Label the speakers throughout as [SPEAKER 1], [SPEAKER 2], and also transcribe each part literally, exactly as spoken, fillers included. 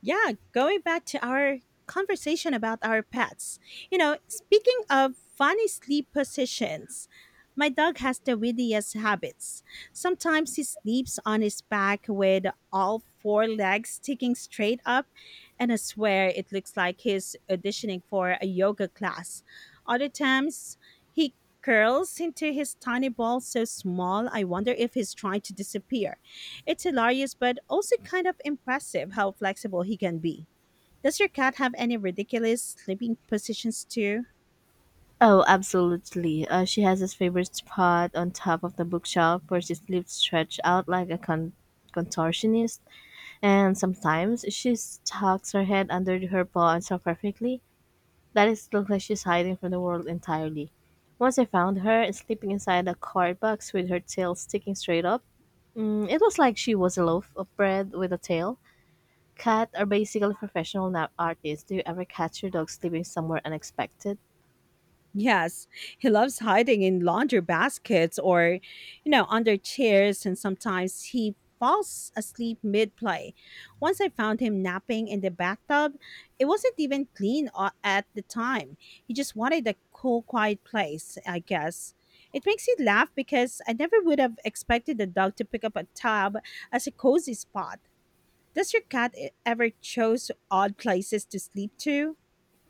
[SPEAKER 1] Yeah, going back to our conversation about our pets. You know, speaking of funny sleep positions, my dog has the weirdest habits. Sometimes he sleeps on his back with all four legs sticking straight up, and I swear it looks like he's auditioning for a yoga class. Other times, he curls into his tiny ball so small, I wonder if he's trying to disappear. It's hilarious, but also kind of impressive how flexible he can be. Does your cat have any ridiculous sleeping positions too?
[SPEAKER 2] Oh, absolutely. Uh, she has this favorite spot on top of the bookshelf where she sleeps stretched out like a con- contortionist. And sometimes she tucks her head under her paw and so perfectly that it looks like she's hiding from the world entirely. Once I found her sleeping inside a card box with her tail sticking straight up. Mm, it was like she was a loaf of bread with a tail. Cats are basically professional nap artists. Do you ever catch your dog sleeping somewhere unexpected?
[SPEAKER 1] Yes, he loves hiding in laundry baskets or, you know, under chairs, and sometimes he falls asleep mid play. Once I found him napping in the bathtub, it wasn't even clean a- at the time. He just wanted a cool, quiet place, I guess. It makes me laugh because I never would have expected a dog to pick up a tub as a cozy spot. Does your cat e- ever choose odd places to sleep to?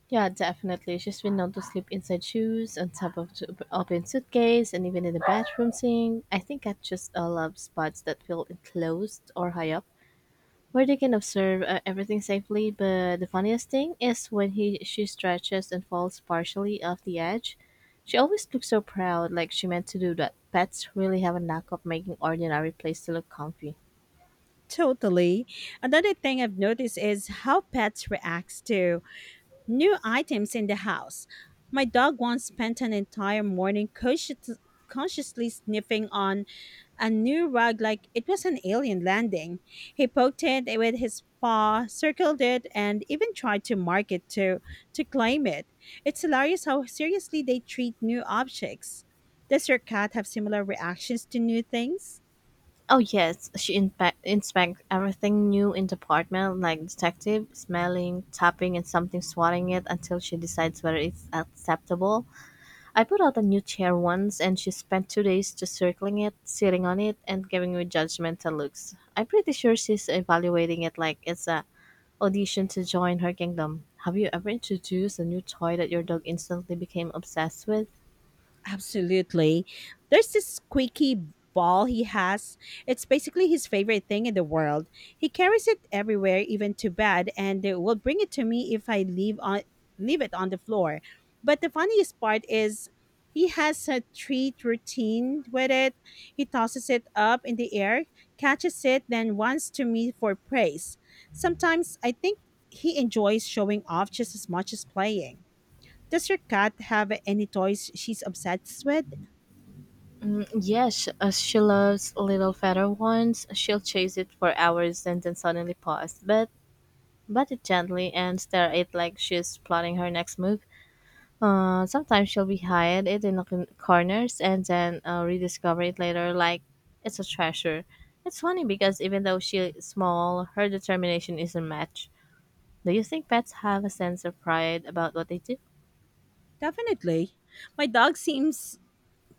[SPEAKER 2] Yeah, definitely. She's been known to sleep inside shoes, on top of t- open suitcase, and even in the bathroom sink. I think I just uh, love spots that feel enclosed or high up, where they can observe uh, everything safely. But the funniest thing is when he she stretches and falls partially off the edge. She always looks so proud, like she meant to do that. Pets really have a knack of making ordinary place to look comfy.
[SPEAKER 1] Totally. Another thing I've noticed is how pets reacts to new items in the house. My dog once spent an entire morning conscious- consciously sniffing on a new rug like it was an alien landing. He poked it with his paw, circled it, and even tried to mark it to to claim it. It's hilarious how seriously they treat new objects. Does your cat have similar reactions to new things?
[SPEAKER 2] Oh yes, she inspect inspect everything new in the apartment, like detective, smelling, tapping, and something swatting it until she decides whether it's acceptable. I put out a new chair once, and she spent two days just circling it, sitting on it, and giving me judgmental looks. I'm pretty sure she's evaluating it like it's a audition to join her kingdom. Have you ever introduced a new toy that your dog instantly became obsessed with?
[SPEAKER 1] Absolutely. There's this squeaky ball he has. It's basically his favorite thing in the world. He carries it everywhere, even to bed, and uh, will bring it to me if I leave on leave it on the floor. But the funniest part is he has a treat routine with it. He tosses it up in the air, catches it, then runs to me for praise. Sometimes I think he enjoys showing off just as much as playing. Does your cat have any toys she's obsessed with?
[SPEAKER 2] Yes, uh, she loves little feather ones. She'll chase it for hours and then suddenly pause, but but it gently and stare at it like she's plotting her next move. Uh, sometimes she'll be hide it in the con- corners and then uh, rediscover it later, like it's a treasure. It's funny because even though she's small, her determination is a match. Do you think pets have a sense of pride about what they do?
[SPEAKER 1] Definitely. My dog seems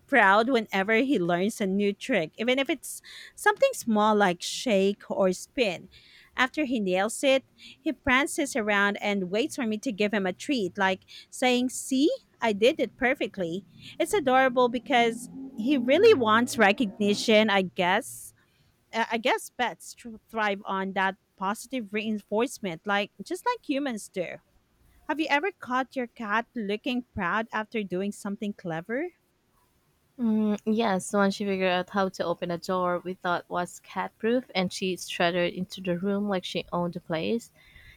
[SPEAKER 1] proud whenever he learns a new trick, even if it's something small like shake or spin. After he nails it, he prances around and waits for me to give him a treat, like saying, "See, I did it perfectly." It's adorable because he really wants recognition, I guess. Uh, I guess pets tr- thrive on that positive reinforcement, like just like humans do. Have you ever caught your cat looking proud after doing something clever?
[SPEAKER 2] Mm, yes, once she figured out how to open a door we thought was cat proof and she strutted into the room like she owned the place.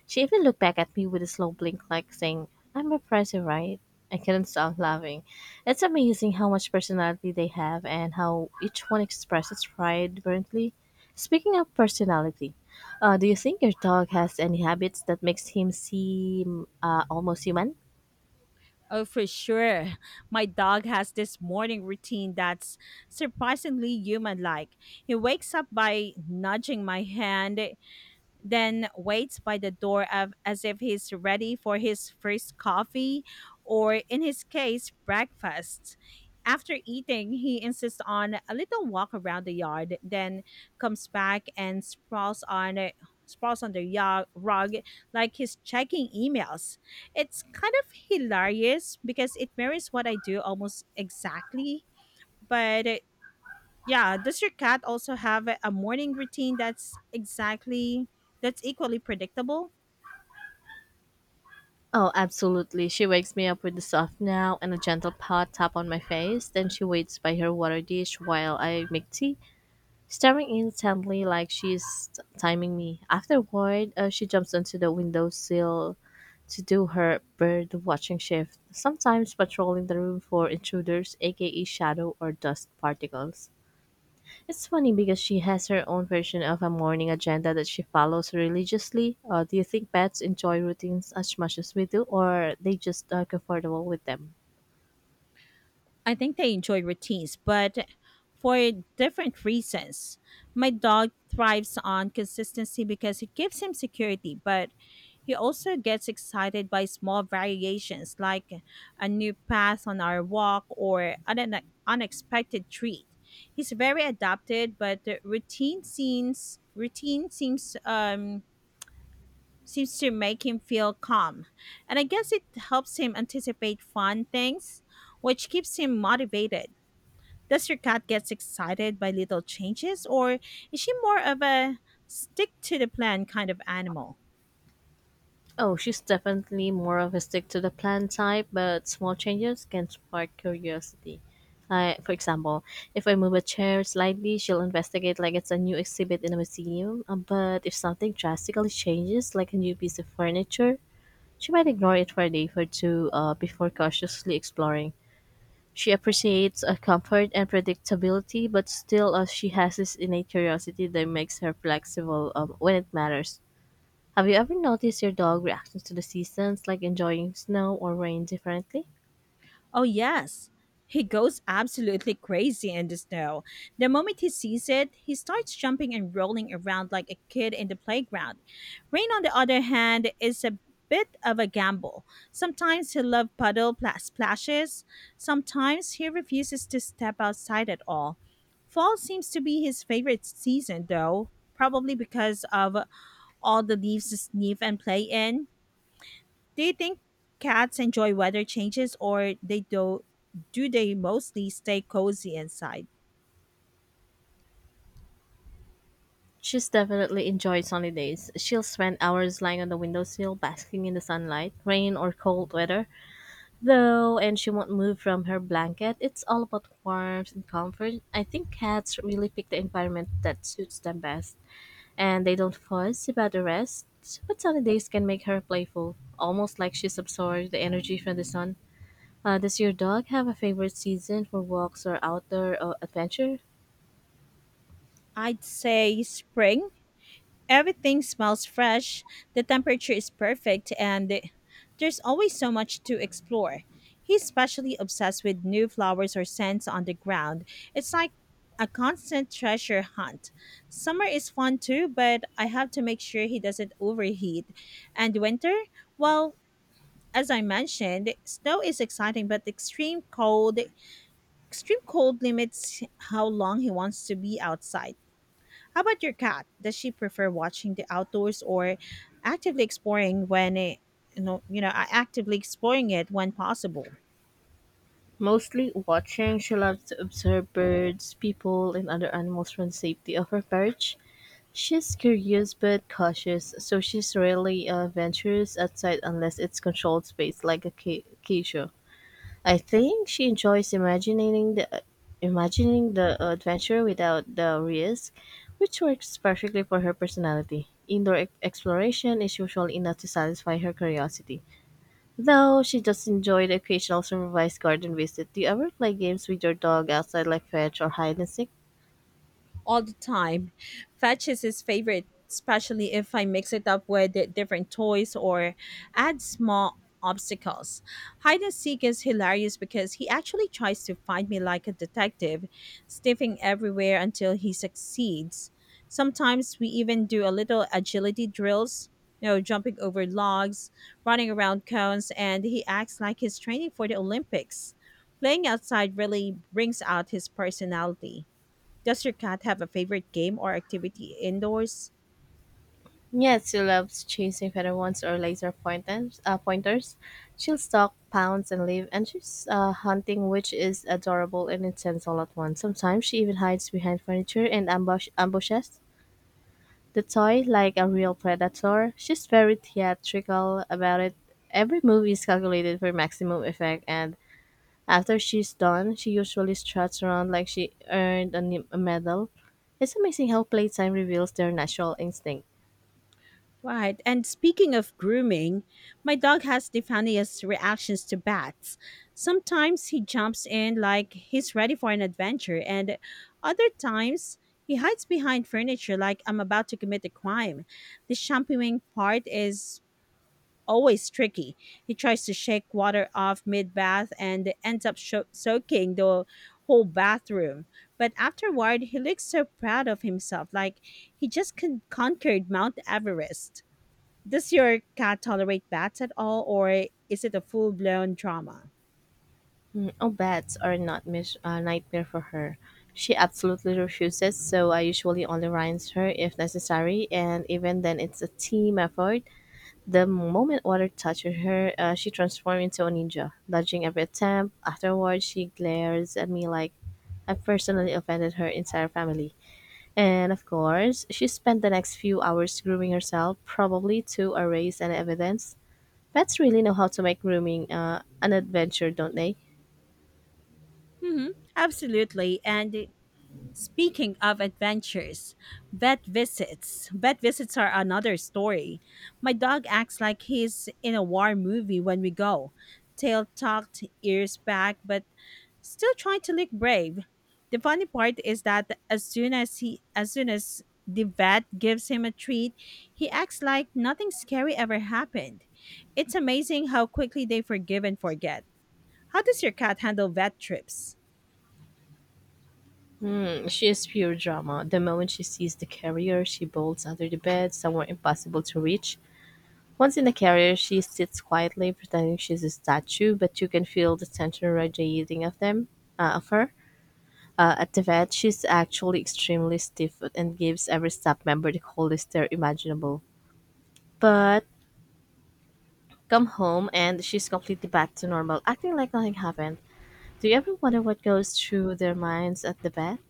[SPEAKER 2] She even looked back at me with a slow blink, like saying, I'm impressive, right? I couldn't stop laughing. It's amazing how much personality they have and how each one expresses pride differently. Speaking of personality, uh, do you think your dog has any habits that makes him seem uh, almost human?
[SPEAKER 1] Oh, for sure. My dog has this morning routine that's surprisingly human like. He wakes up by nudging my hand, then waits by the door of, as if he's ready for his first coffee or, in his case, breakfast. After eating, he insists on a little walk around the yard, then comes back and sprawls on a sprawls on the ya- rug like he's checking emails. It's kind of hilarious because it mirrors what I do almost exactly, but yeah, does your cat also have a a morning routine that's exactly that's equally predictable?
[SPEAKER 2] Oh, absolutely. She wakes me up with a soft now and a gentle pat tap on my face. Then she waits by her water dish while I make tea, staring intently like she's t- timing me. Afterward, uh, she jumps onto the windowsill to do her bird watching shift, sometimes patrolling the room for intruders, aka shadow or dust particles. It's funny because she has her own version of a morning agenda that she follows religiously. Uh, do you think pets enjoy routines as much as we do, or are they just are comfortable with them?
[SPEAKER 1] I think they enjoy routines, but for different reasons. My dog thrives on consistency because it gives him security, but he also gets excited by small variations like a new path on our walk or an une- unexpected treat. He's very adapted, but the routine seems routine seems um seems to make him feel calm. And I guess it helps him anticipate fun things, which keeps him motivated. Does your cat gets excited by little changes or is she more of a stick to the plan kind of animal?
[SPEAKER 2] Oh, she's definitely more of a stick to the plan type, but small changes can spark curiosity. I, for example, if I move a chair slightly, she'll investigate like it's a new exhibit in a museum. Uh, but if something drastically changes, like a new piece of furniture, she might ignore it for a day or two uh, before cautiously exploring. She appreciates a comfort and predictability, but still uh, she has this innate curiosity that makes her flexible um, when it matters. Have you ever noticed your dog reactions to the seasons, like enjoying snow or rain differently?
[SPEAKER 1] Oh, yes. He goes absolutely crazy in the snow. The moment he sees it, he starts jumping and rolling around like a kid in the playground. Rain, on the other hand, is a bit of a gamble. Sometimes he loves puddle pla- splashes, sometimes he refuses to step outside at all. Fall seems to be his favorite season, though, probably because of all the leaves to sniff and play in. Do you think cats enjoy weather changes or they do do they mostly stay cozy inside?
[SPEAKER 2] She's definitely enjoyed sunny days. She'll spend hours lying on the windowsill, basking in the sunlight, rain or cold weather. Though, and she won't move from her blanket. It's all about warmth and comfort. I think cats really pick the environment that suits them best, and they don't fuss about the rest. But sunny days can make her playful, almost like she's absorbed the energy from the sun. Uh, does your dog have a favorite season for walks or outdoor uh, adventure?
[SPEAKER 1] I'd say spring. Everything smells fresh, the temperature is perfect, and the- there's always so much to explore. He's especially obsessed with new flowers or scents on the ground. It's like a constant treasure hunt. Summer is fun too, but I have to make sure he doesn't overheat. And winter? Well, as I mentioned, snow is exciting, but extreme cold extreme cold limits how long he wants to be outside. How about your cat? Does she prefer watching the outdoors or actively exploring when it, you know you know actively exploring it when possible?
[SPEAKER 2] Mostly watching, she loves to observe birds, people, and other animals from the safety of her perch. She's curious but cautious, so she's rarely uh, ventures outside unless it's controlled space like a ca- cage. I think she enjoys imagining the imagining the adventure without the risk, which works perfectly for her personality. Indoor e- exploration is usually enough to satisfy her curiosity. Though she does enjoy the occasional supervised garden visit. Do you ever play games with your dog outside like fetch or hide and seek?
[SPEAKER 1] All the time. Fetch is his favorite, especially if I mix it up with di- different toys or add small obstacles. Hide and seek is hilarious because he actually tries to find me like a detective, sniffing everywhere until he succeeds. Sometimes we even do a little agility drills, you know, jumping over logs, running around cones, and he acts like he's training for the Olympics. Playing outside really brings out his personality. Does your cat have a favorite game or activity indoors?
[SPEAKER 2] Yes, she loves chasing featherwings or laser pointers. Uh, pointers. She'll stalk, pounce, and leave, and she's uh, hunting, which is adorable and intense all at once. Sometimes she even hides behind furniture and ambush ambushes the toy like a real predator. She's very theatrical about it. Every move is calculated for maximum effect, and after she's done, she usually struts around like she earned a, ne- a medal. It's amazing how playtime reveals their natural instinct.
[SPEAKER 1] Right. And speaking of grooming, my dog has the funniest reactions to bats. Sometimes he jumps in like he's ready for an adventure, and other times he hides behind furniture like I'm about to commit a crime. The shampooing part is always tricky. He tries to shake water off mid bath and ends up sho- soaking the whole bathroom. But afterward, he looks so proud of himself, like he just con- conquered Mount Everest. Does your cat tolerate bats at all, or is it a full blown trauma?
[SPEAKER 2] Mm, Oh, beds are not mis- a nightmare for her. She absolutely refuses, so I usually only rinse her if necessary, and even then, it's a team effort. The moment water touches her, uh, she transforms into a ninja, dodging every attempt. Afterwards, she glares at me like I personally offended her entire family. And of course, she spent the next few hours grooming herself, probably to erase any evidence. Pets really know how to make grooming uh, an adventure, don't they?
[SPEAKER 1] Hmm. Absolutely. And speaking of adventures, vet visits. Vet visits are another story. My dog acts like he's in a war movie when we go. Tail tucked, ears back, but still trying to look brave. The funny part is that as soon as he as soon as the vet gives him a treat, he acts like nothing scary ever happened. It's amazing how quickly they forgive and forget. How does your cat handle vet trips?
[SPEAKER 2] She is pure drama. The moment she sees the carrier, she bolts under the bed, somewhere impossible to reach. Once in the carrier, she sits quietly, pretending she's a statue, but you can feel the tension radiating of them, uh, of her. Uh, at the vet, she's actually extremely stiff and gives every staff member the coldest stare imaginable. But come home, and she's completely back to normal, acting like nothing happened. Do you ever wonder what goes through their minds at the vet?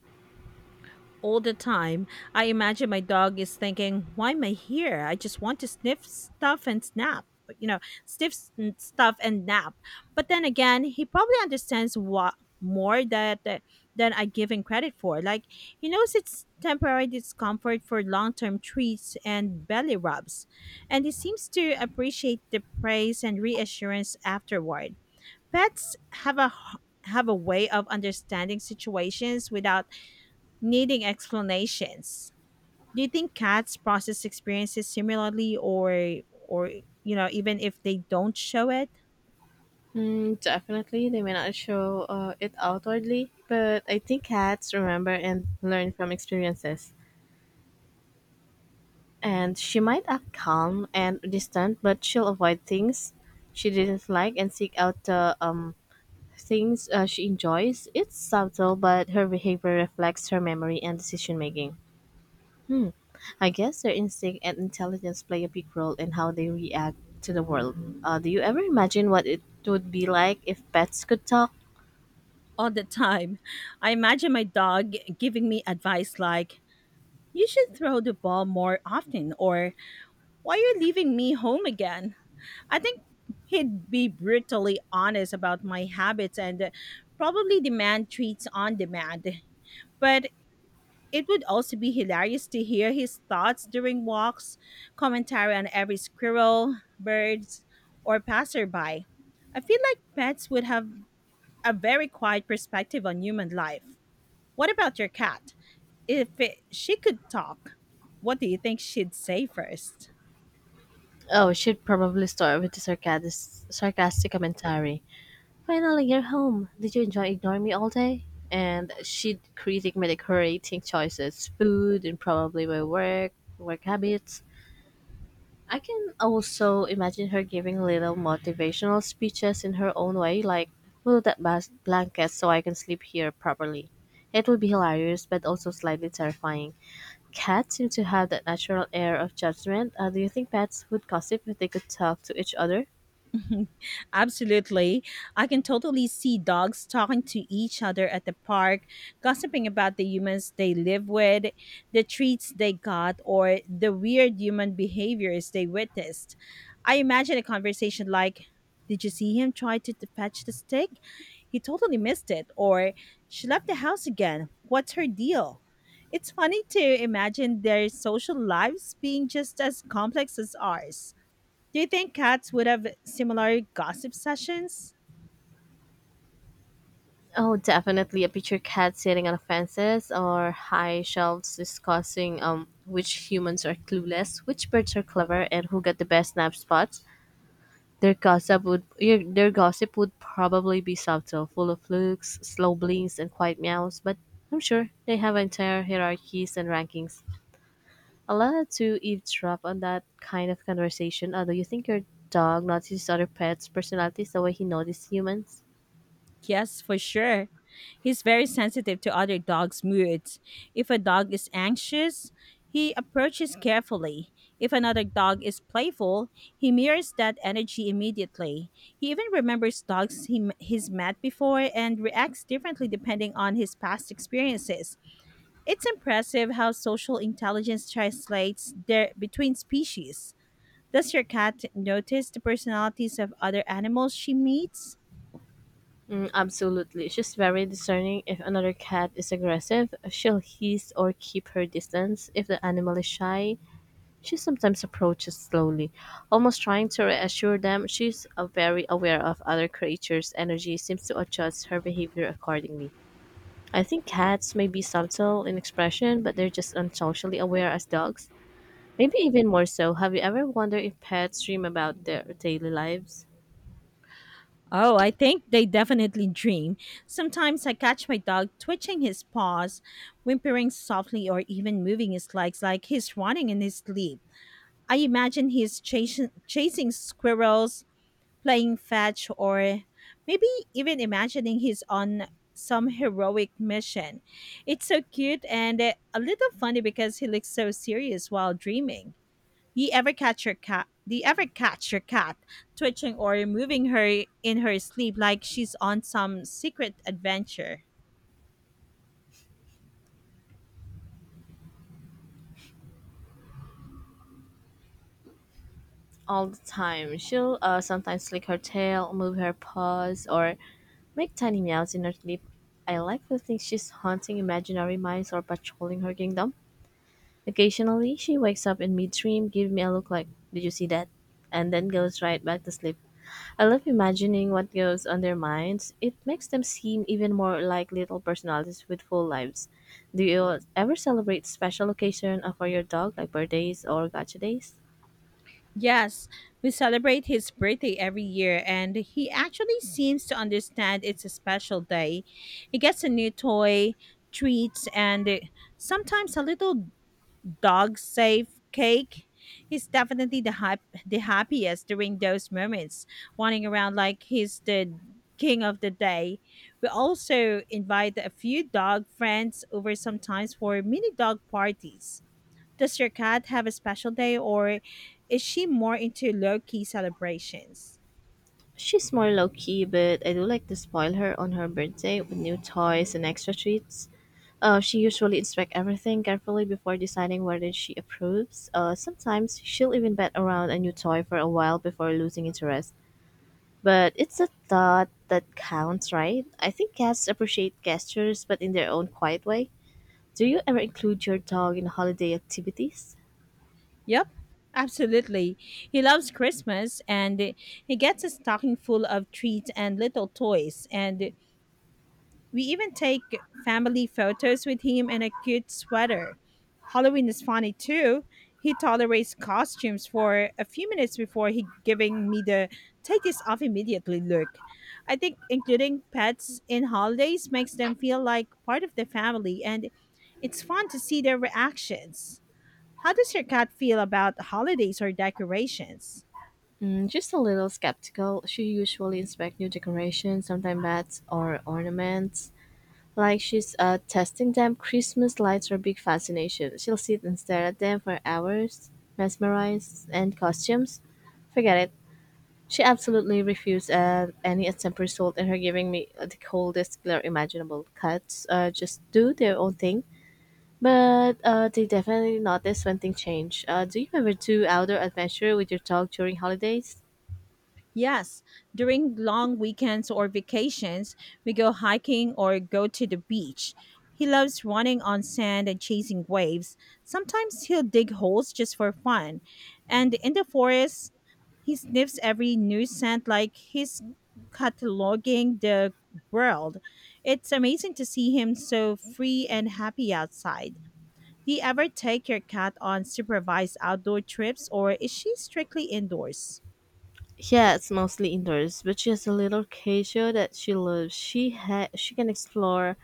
[SPEAKER 1] All the time. I imagine my dog is thinking, "Why am I here? I just want to sniff stuff and snap." You know, sniff s- n- stuff and nap. But then again, he probably understands what more that that- than I give him credit for. Like, he knows it's temporary discomfort for long-term treats and belly rubs, and he seems to appreciate the praise and reassurance afterward. Pets have a h- have a way of understanding situations without needing explanations. Do you think cats process experiences similarly, or or you know even if they don't show it?
[SPEAKER 2] Mm, definitely, they may not show uh, it outwardly, but I think cats remember and learn from experiences. And she might act calm and distant, but she'll avoid things she didn't like and seek out the um, things uh, she enjoys. It's subtle, but her behavior reflects her memory and decision making. Hmm. I guess their instinct and intelligence play a big role in how they react to the world. Uh, do you ever imagine what it would be like if pets could talk?
[SPEAKER 1] All the time. I imagine my dog giving me advice like, "You should throw the ball more often," or, "Why are you leaving me home again?" I think he'd be brutally honest about my habits and probably demand treats on demand. But it would also be hilarious to hear his thoughts during walks, commentary on every squirrel, birds, or passerby. I feel like pets would have a very quiet perspective on human life. What about your cat? If it, she could talk, what do you think she'd say first?
[SPEAKER 2] Oh, she'd probably start with a sarcastic, sarcastic commentary. Finally, you're home. Did you enjoy ignoring me all day? And she'd critique my decorating choices, food, and probably my work, work habits. I can also imagine her giving little motivational speeches in her own way, like move that bas- blanket so I can sleep here properly. It would be hilarious, but also slightly terrifying. Cats seem to have that natural air of judgment. Uh, do you think pets would gossip if they could talk to each other?
[SPEAKER 1] Absolutely. I can totally see dogs talking to each other at the park, gossiping about the humans they live with, the treats they got, or the weird human behaviors they witnessed. I imagine a conversation like, "Did you see him try to t- fetch the stick? He totally missed it." Or, "She left the house again. What's her deal?" It's funny to imagine their social lives being just as complex as ours. Do you think cats would have similar gossip sessions?
[SPEAKER 2] Oh, definitely a picture cat sitting on fences or high shelves discussing um which humans are clueless, which birds are clever, and who got the best nap spots. Their gossip would your- their gossip would probably be subtle, full of looks, slow blinks, and quiet meows. But I'm sure they have entire hierarchies and rankings. Allowed to eavesdrop on that kind of conversation. Although you think your dog notices other pets' personalities the way he notices humans.
[SPEAKER 1] Yes, for sure. He's very sensitive to other dogs' moods. If a dog is anxious, he approaches carefully. If another dog is playful, he mirrors that energy immediately. He even remembers dogs he, m- he's met before and reacts differently depending on his past experiences. It's impressive how social intelligence translates there between species. Does your cat notice the personalities of other animals she meets?
[SPEAKER 2] Mm, absolutely. She's very discerning. If another cat is aggressive, she'll hiss or keep her distance. If the animal is shy, she sometimes approaches slowly, almost trying to reassure them. She's uh, very aware of other creatures' energy, seems to adjust her behavior accordingly. I think cats may be subtle in expression, but they're just unsocially aware as dogs. Maybe even more so. Have you ever wondered if pets dream about their daily lives?
[SPEAKER 1] Oh, I think they definitely dream. Sometimes I catch my dog twitching his paws, whimpering softly, or even moving his legs like he's running in his sleep. I imagine he's chasing, chasing squirrels, playing fetch, or maybe even imagining he's on some heroic mission. It's so cute and eh, a little funny because he looks so serious while dreaming. Do you ever catch your cat? Do you ever catch your cat twitching or moving her in her sleep like she's on some secret adventure?
[SPEAKER 2] All the time. She'll uh, sometimes lick her tail, move her paws, or make tiny meows in her sleep. I like to think she's haunting imaginary mice or patrolling her kingdom. Occasionally, she wakes up in mid-dream, gives me a look like, "Did you see that?" and then goes right back to sleep. I love imagining what goes on their minds. It makes them seem even more like little personalities with full lives. Do you ever celebrate special occasion uh, for your dog, like birthdays or gacha days?
[SPEAKER 1] Yes, we celebrate his birthday every year, and he actually seems to understand it's a special day. He gets a new toy, treats, and sometimes a little dog safe cake. He's definitely the hap- the happiest during those moments, running around like he's the king of the day. We also invite a few dog friends over sometimes for mini dog parties. Does your cat have a special day or is she more into low key celebrations?
[SPEAKER 2] She's more low key, but I do like to spoil her on her birthday with new toys and extra treats. Uh, she usually inspects everything carefully before deciding whether she approves. Uh, sometimes she'll even bet around a new toy for a while before losing interest. But it's a thought that counts, right? I think cats appreciate gestures, but in their own quiet way. Do you ever include your dog in holiday activities?
[SPEAKER 1] Yep, absolutely. He loves Christmas and he gets a stocking full of treats and little toys, and we even take family photos with him in a cute sweater. Halloween is funny too. He tolerates costumes for a few minutes before he giving me the take this off immediately look. I think including pets in holidays makes them feel like part of the family and it's fun to see their reactions. How does your cat feel about holidays or decorations?
[SPEAKER 2] Mm, just a little skeptical. She usually inspects new decorations, sometimes bats or ornaments. Like she's uh testing them. Christmas lights are a big fascination. She'll sit and stare at them for hours, mesmerized. And costumes. Forget it. She absolutely refused uh, any attempt result in her giving me the coldest glare imaginable. Cats, uh, just do their own thing, but uh, they definitely notice when things change. Uh, do you ever do outdoor adventure with your dog during holidays?
[SPEAKER 1] Yes, during long weekends or vacations, we go hiking or go to the beach. He loves running on sand and chasing waves. Sometimes he'll dig holes just for fun. And in the forest, he sniffs every new scent like he's cataloging the world. It's amazing to see him so free and happy outside. Do you ever take your cat on supervised outdoor trips or is she strictly indoors?
[SPEAKER 2] Yeah, it's mostly indoors, but she has a little cage show that she loves. She ha- she can explore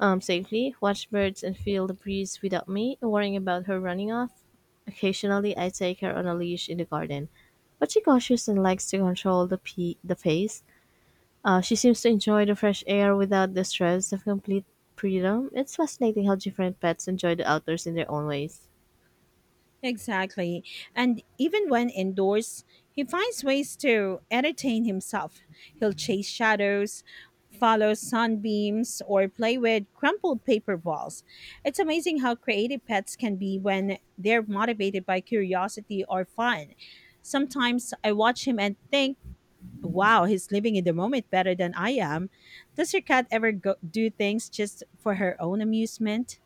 [SPEAKER 2] um, safely, watch birds, and feel the breeze without me worrying about her running off. Occasionally, I take her on a leash in the garden, but she's cautious and likes to control the, pe- the pace. Uh, she seems to enjoy the fresh air without the stress of complete freedom. It's fascinating how different pets enjoy the outdoors in their own ways.
[SPEAKER 1] Exactly. And even when indoors, he finds ways to entertain himself. He'll chase shadows, follow sunbeams, or play with crumpled paper balls. It's amazing how creative pets can be when they're motivated by curiosity or fun. Sometimes I watch him and think, wow, he's living in the moment better than I am. Does your cat ever go- do things just for her own amusement?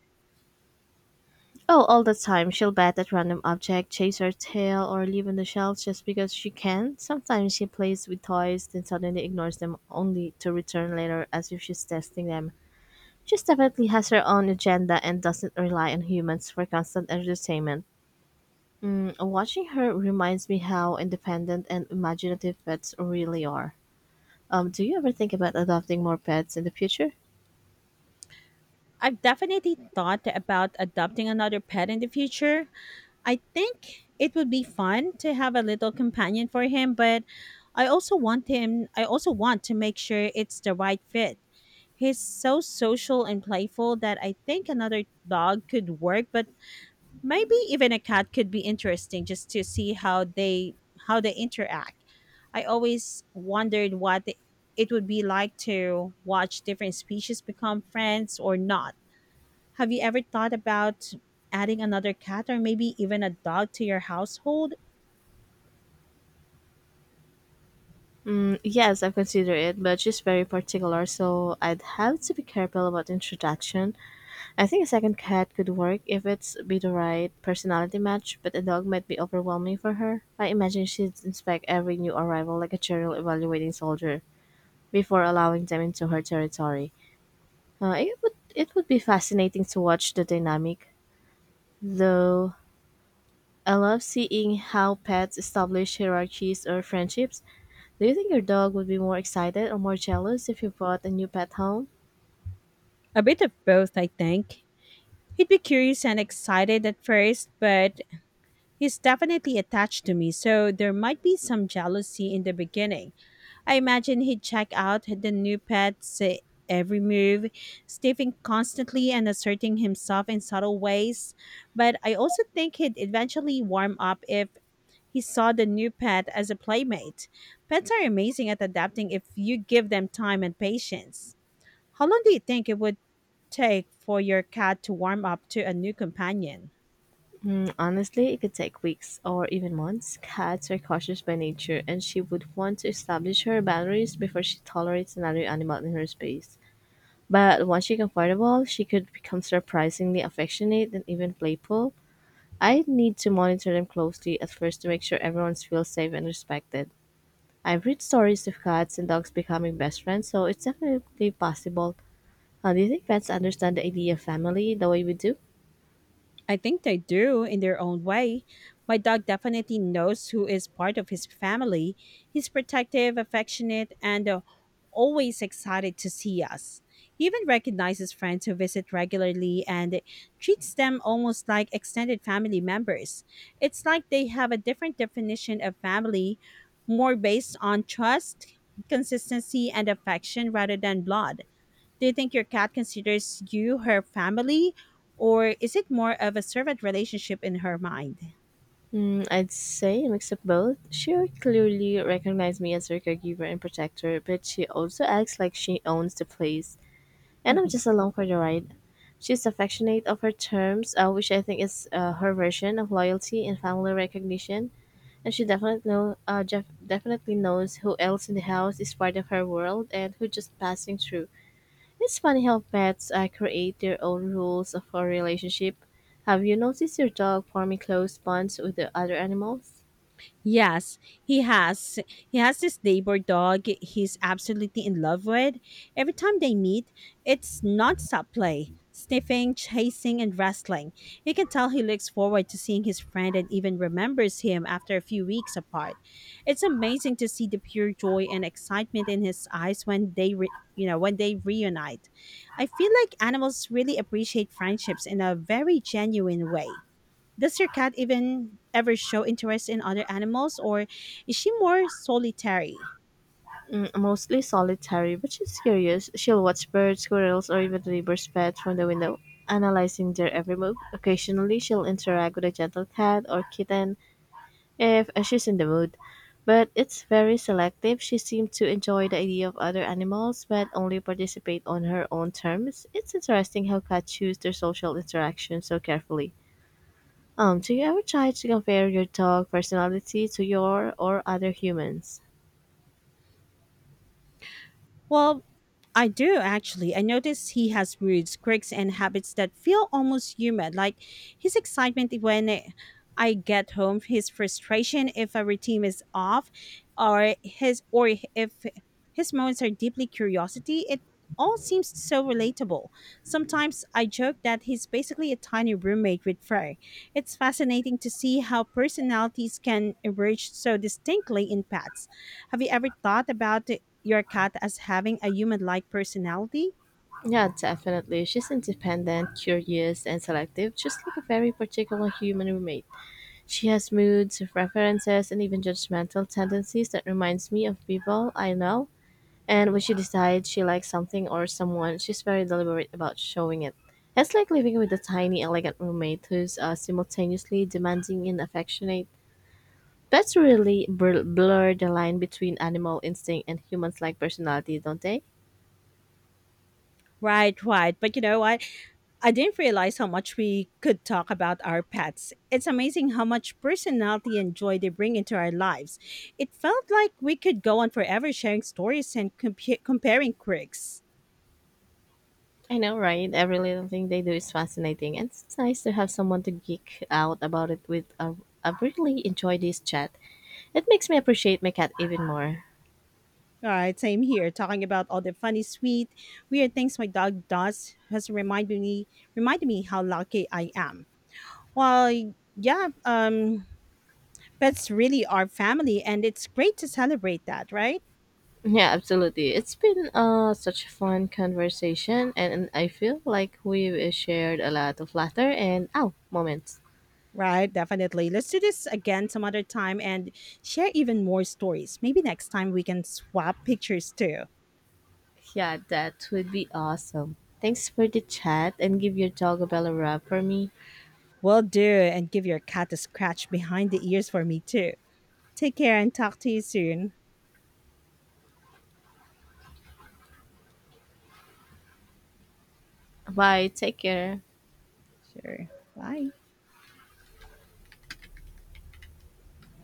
[SPEAKER 2] Oh, all the time, she'll bat at random object, chase her tail, or live on the shelves just because she can. Sometimes she plays with toys, then suddenly ignores them only to return later as if she's testing them. She definitely has her own agenda and doesn't rely on humans for constant entertainment. Mm, watching her reminds me how independent and imaginative pets really are. Um, do you ever think about adopting more pets in the future?
[SPEAKER 1] I've definitely thought about adopting another pet in the future. I think it would be fun to have a little companion for him, but I also want him I also want to make sure it's the right fit. He's so social and playful that I think another dog could work, but maybe even a cat could be interesting just to see how they how they interact. I always wondered what it would be like to watch different species become friends or not. Have you ever thought about adding another cat or maybe even a dog to your household?
[SPEAKER 2] Mm, yes, I've considered it, but she's very particular, so I'd have to be careful about introduction. I think a second cat could work if it's be the right personality match, but a dog might be overwhelming for her. I imagine she'd inspect every new arrival like a general evaluating soldier before allowing them into her territory. Uh, it would it would be fascinating to watch the dynamic, though. I love seeing how pets establish hierarchies or friendships. Do you think your dog would be more excited or more jealous if you brought a new pet home?
[SPEAKER 1] A bit of both, I think. He'd be curious and excited at first, but he's definitely attached to me, so there might be some jealousy in the beginning. I imagine he'd check out the new pet's eh, every move, sniffing constantly and asserting himself in subtle ways. But I also think he'd eventually warm up if he saw the new pet as a playmate. Pets are amazing at adapting if you give them time and patience. How long do you think it would take for your cat to warm up to a new companion?
[SPEAKER 2] Mm, honestly, it could take weeks or even months. Cats are cautious by nature, and she would want to establish her boundaries before she tolerates another animal in her space. But once she's comfortable, she could become surprisingly affectionate and even playful. I need to monitor them closely at first to make sure everyone feels safe and respected. I've read stories of cats and dogs becoming best friends, so it's definitely possible. Uh, do you think pets understand the idea of family the way we do?
[SPEAKER 1] I think they do in their own way. My dog definitely knows who is part of his family. He's protective, affectionate, and uh, always excited to see us. He even recognizes friends who visit regularly and treats them almost like extended family members. It's like they have a different definition of family, more based on trust, consistency, and affection rather than blood. Do you think your cat considers you her family, or is it more of a servant relationship in her mind?
[SPEAKER 2] Mm, I'd say a mix of both. She clearly recognized me as her caregiver and protector, but she also acts like she owns the place, and I'm
[SPEAKER 1] Mhm.
[SPEAKER 2] just along for the ride. She's affectionate of her terms, uh, which I think is uh, her version of loyalty and family recognition. And she definitely know, uh, Jeff definitely knows who else in the house is part of her world and who just passing through. It's funny how pets uh, create their own rules of a relationship. Have you noticed your dog forming close bonds with the other animals?
[SPEAKER 1] Yes, he has. He has this neighbor dog he's absolutely in love with. Every time they meet, it's nonstop play, sniffing, chasing, and wrestling. You can tell he looks forward to seeing his friend and even remembers him after a few weeks apart. It's amazing to see the pure joy and excitement in his eyes when they re- you know, when they reunite. I feel like animals really appreciate friendships in a very genuine way. Does your cat even ever show interest in other animals, or is she more solitary?
[SPEAKER 2] Mm, mostly solitary, but she's curious. She'll watch birds, squirrels, or even the neighbor's pets from the window, analyzing their every move. Occasionally, she'll interact with a gentle cat or kitten, if uh, she's in the mood, but it's very selective. She seemed to enjoy the idea of other animals, but only participate on her own terms. It's interesting how cats choose their social interactions so carefully. Um, do you ever try to compare your dog personality to your or other humans?
[SPEAKER 1] Well, I do actually. I notice he has moods, quirks, and habits that feel almost human. Like his excitement when I get home, his frustration if a routine is off, or his or if his moments are deeply curiosity. It all seems so relatable. Sometimes I joke that he's basically a tiny roommate with Frey. It's fascinating to see how personalities can emerge so distinctly in pets. Have you ever thought about your cat as having a human like personality?
[SPEAKER 2] Yeah, definitely. She's independent, curious, and selective, just like a very particular human roommate. She has moods, preferences, and even judgmental tendencies that reminds me of people I know. And when she decides she likes something or someone, she's very deliberate about showing it. It's like living with a tiny, elegant roommate who's uh, simultaneously demanding and affectionate. Pets really br- blur the line between animal instinct and humans like personality, don't they?
[SPEAKER 1] Right, right. But you know what? I didn't realize how much we could talk about our pets. It's amazing how much personality and joy they bring into our lives. It felt like we could go on forever sharing stories and compa- comparing quirks.
[SPEAKER 2] I know, right? Every little thing they do is fascinating, and it's nice to have someone to geek out about it with. Uh, I really enjoy this chat. It makes me appreciate my cat even more.
[SPEAKER 1] All right, same here. Talking about all the funny, sweet, weird things my dog does has reminded me reminded me how lucky I am. Well, yeah, um, pets really are family, and it's great to celebrate that, right?
[SPEAKER 2] Yeah, absolutely. It's been uh, such a fun conversation, and I feel like we've shared a lot of laughter and ow moments.
[SPEAKER 1] Right, definitely. Let's do this again some other time and share even more stories. Maybe next time we can swap pictures too.
[SPEAKER 2] Yeah, that would be awesome. Thanks for the chat and give your dog a bell a rub for me.
[SPEAKER 1] Will do, and give your cat a scratch behind the ears for me too. Take care and talk to you soon.
[SPEAKER 2] Bye. Take care.
[SPEAKER 1] Sure. Bye.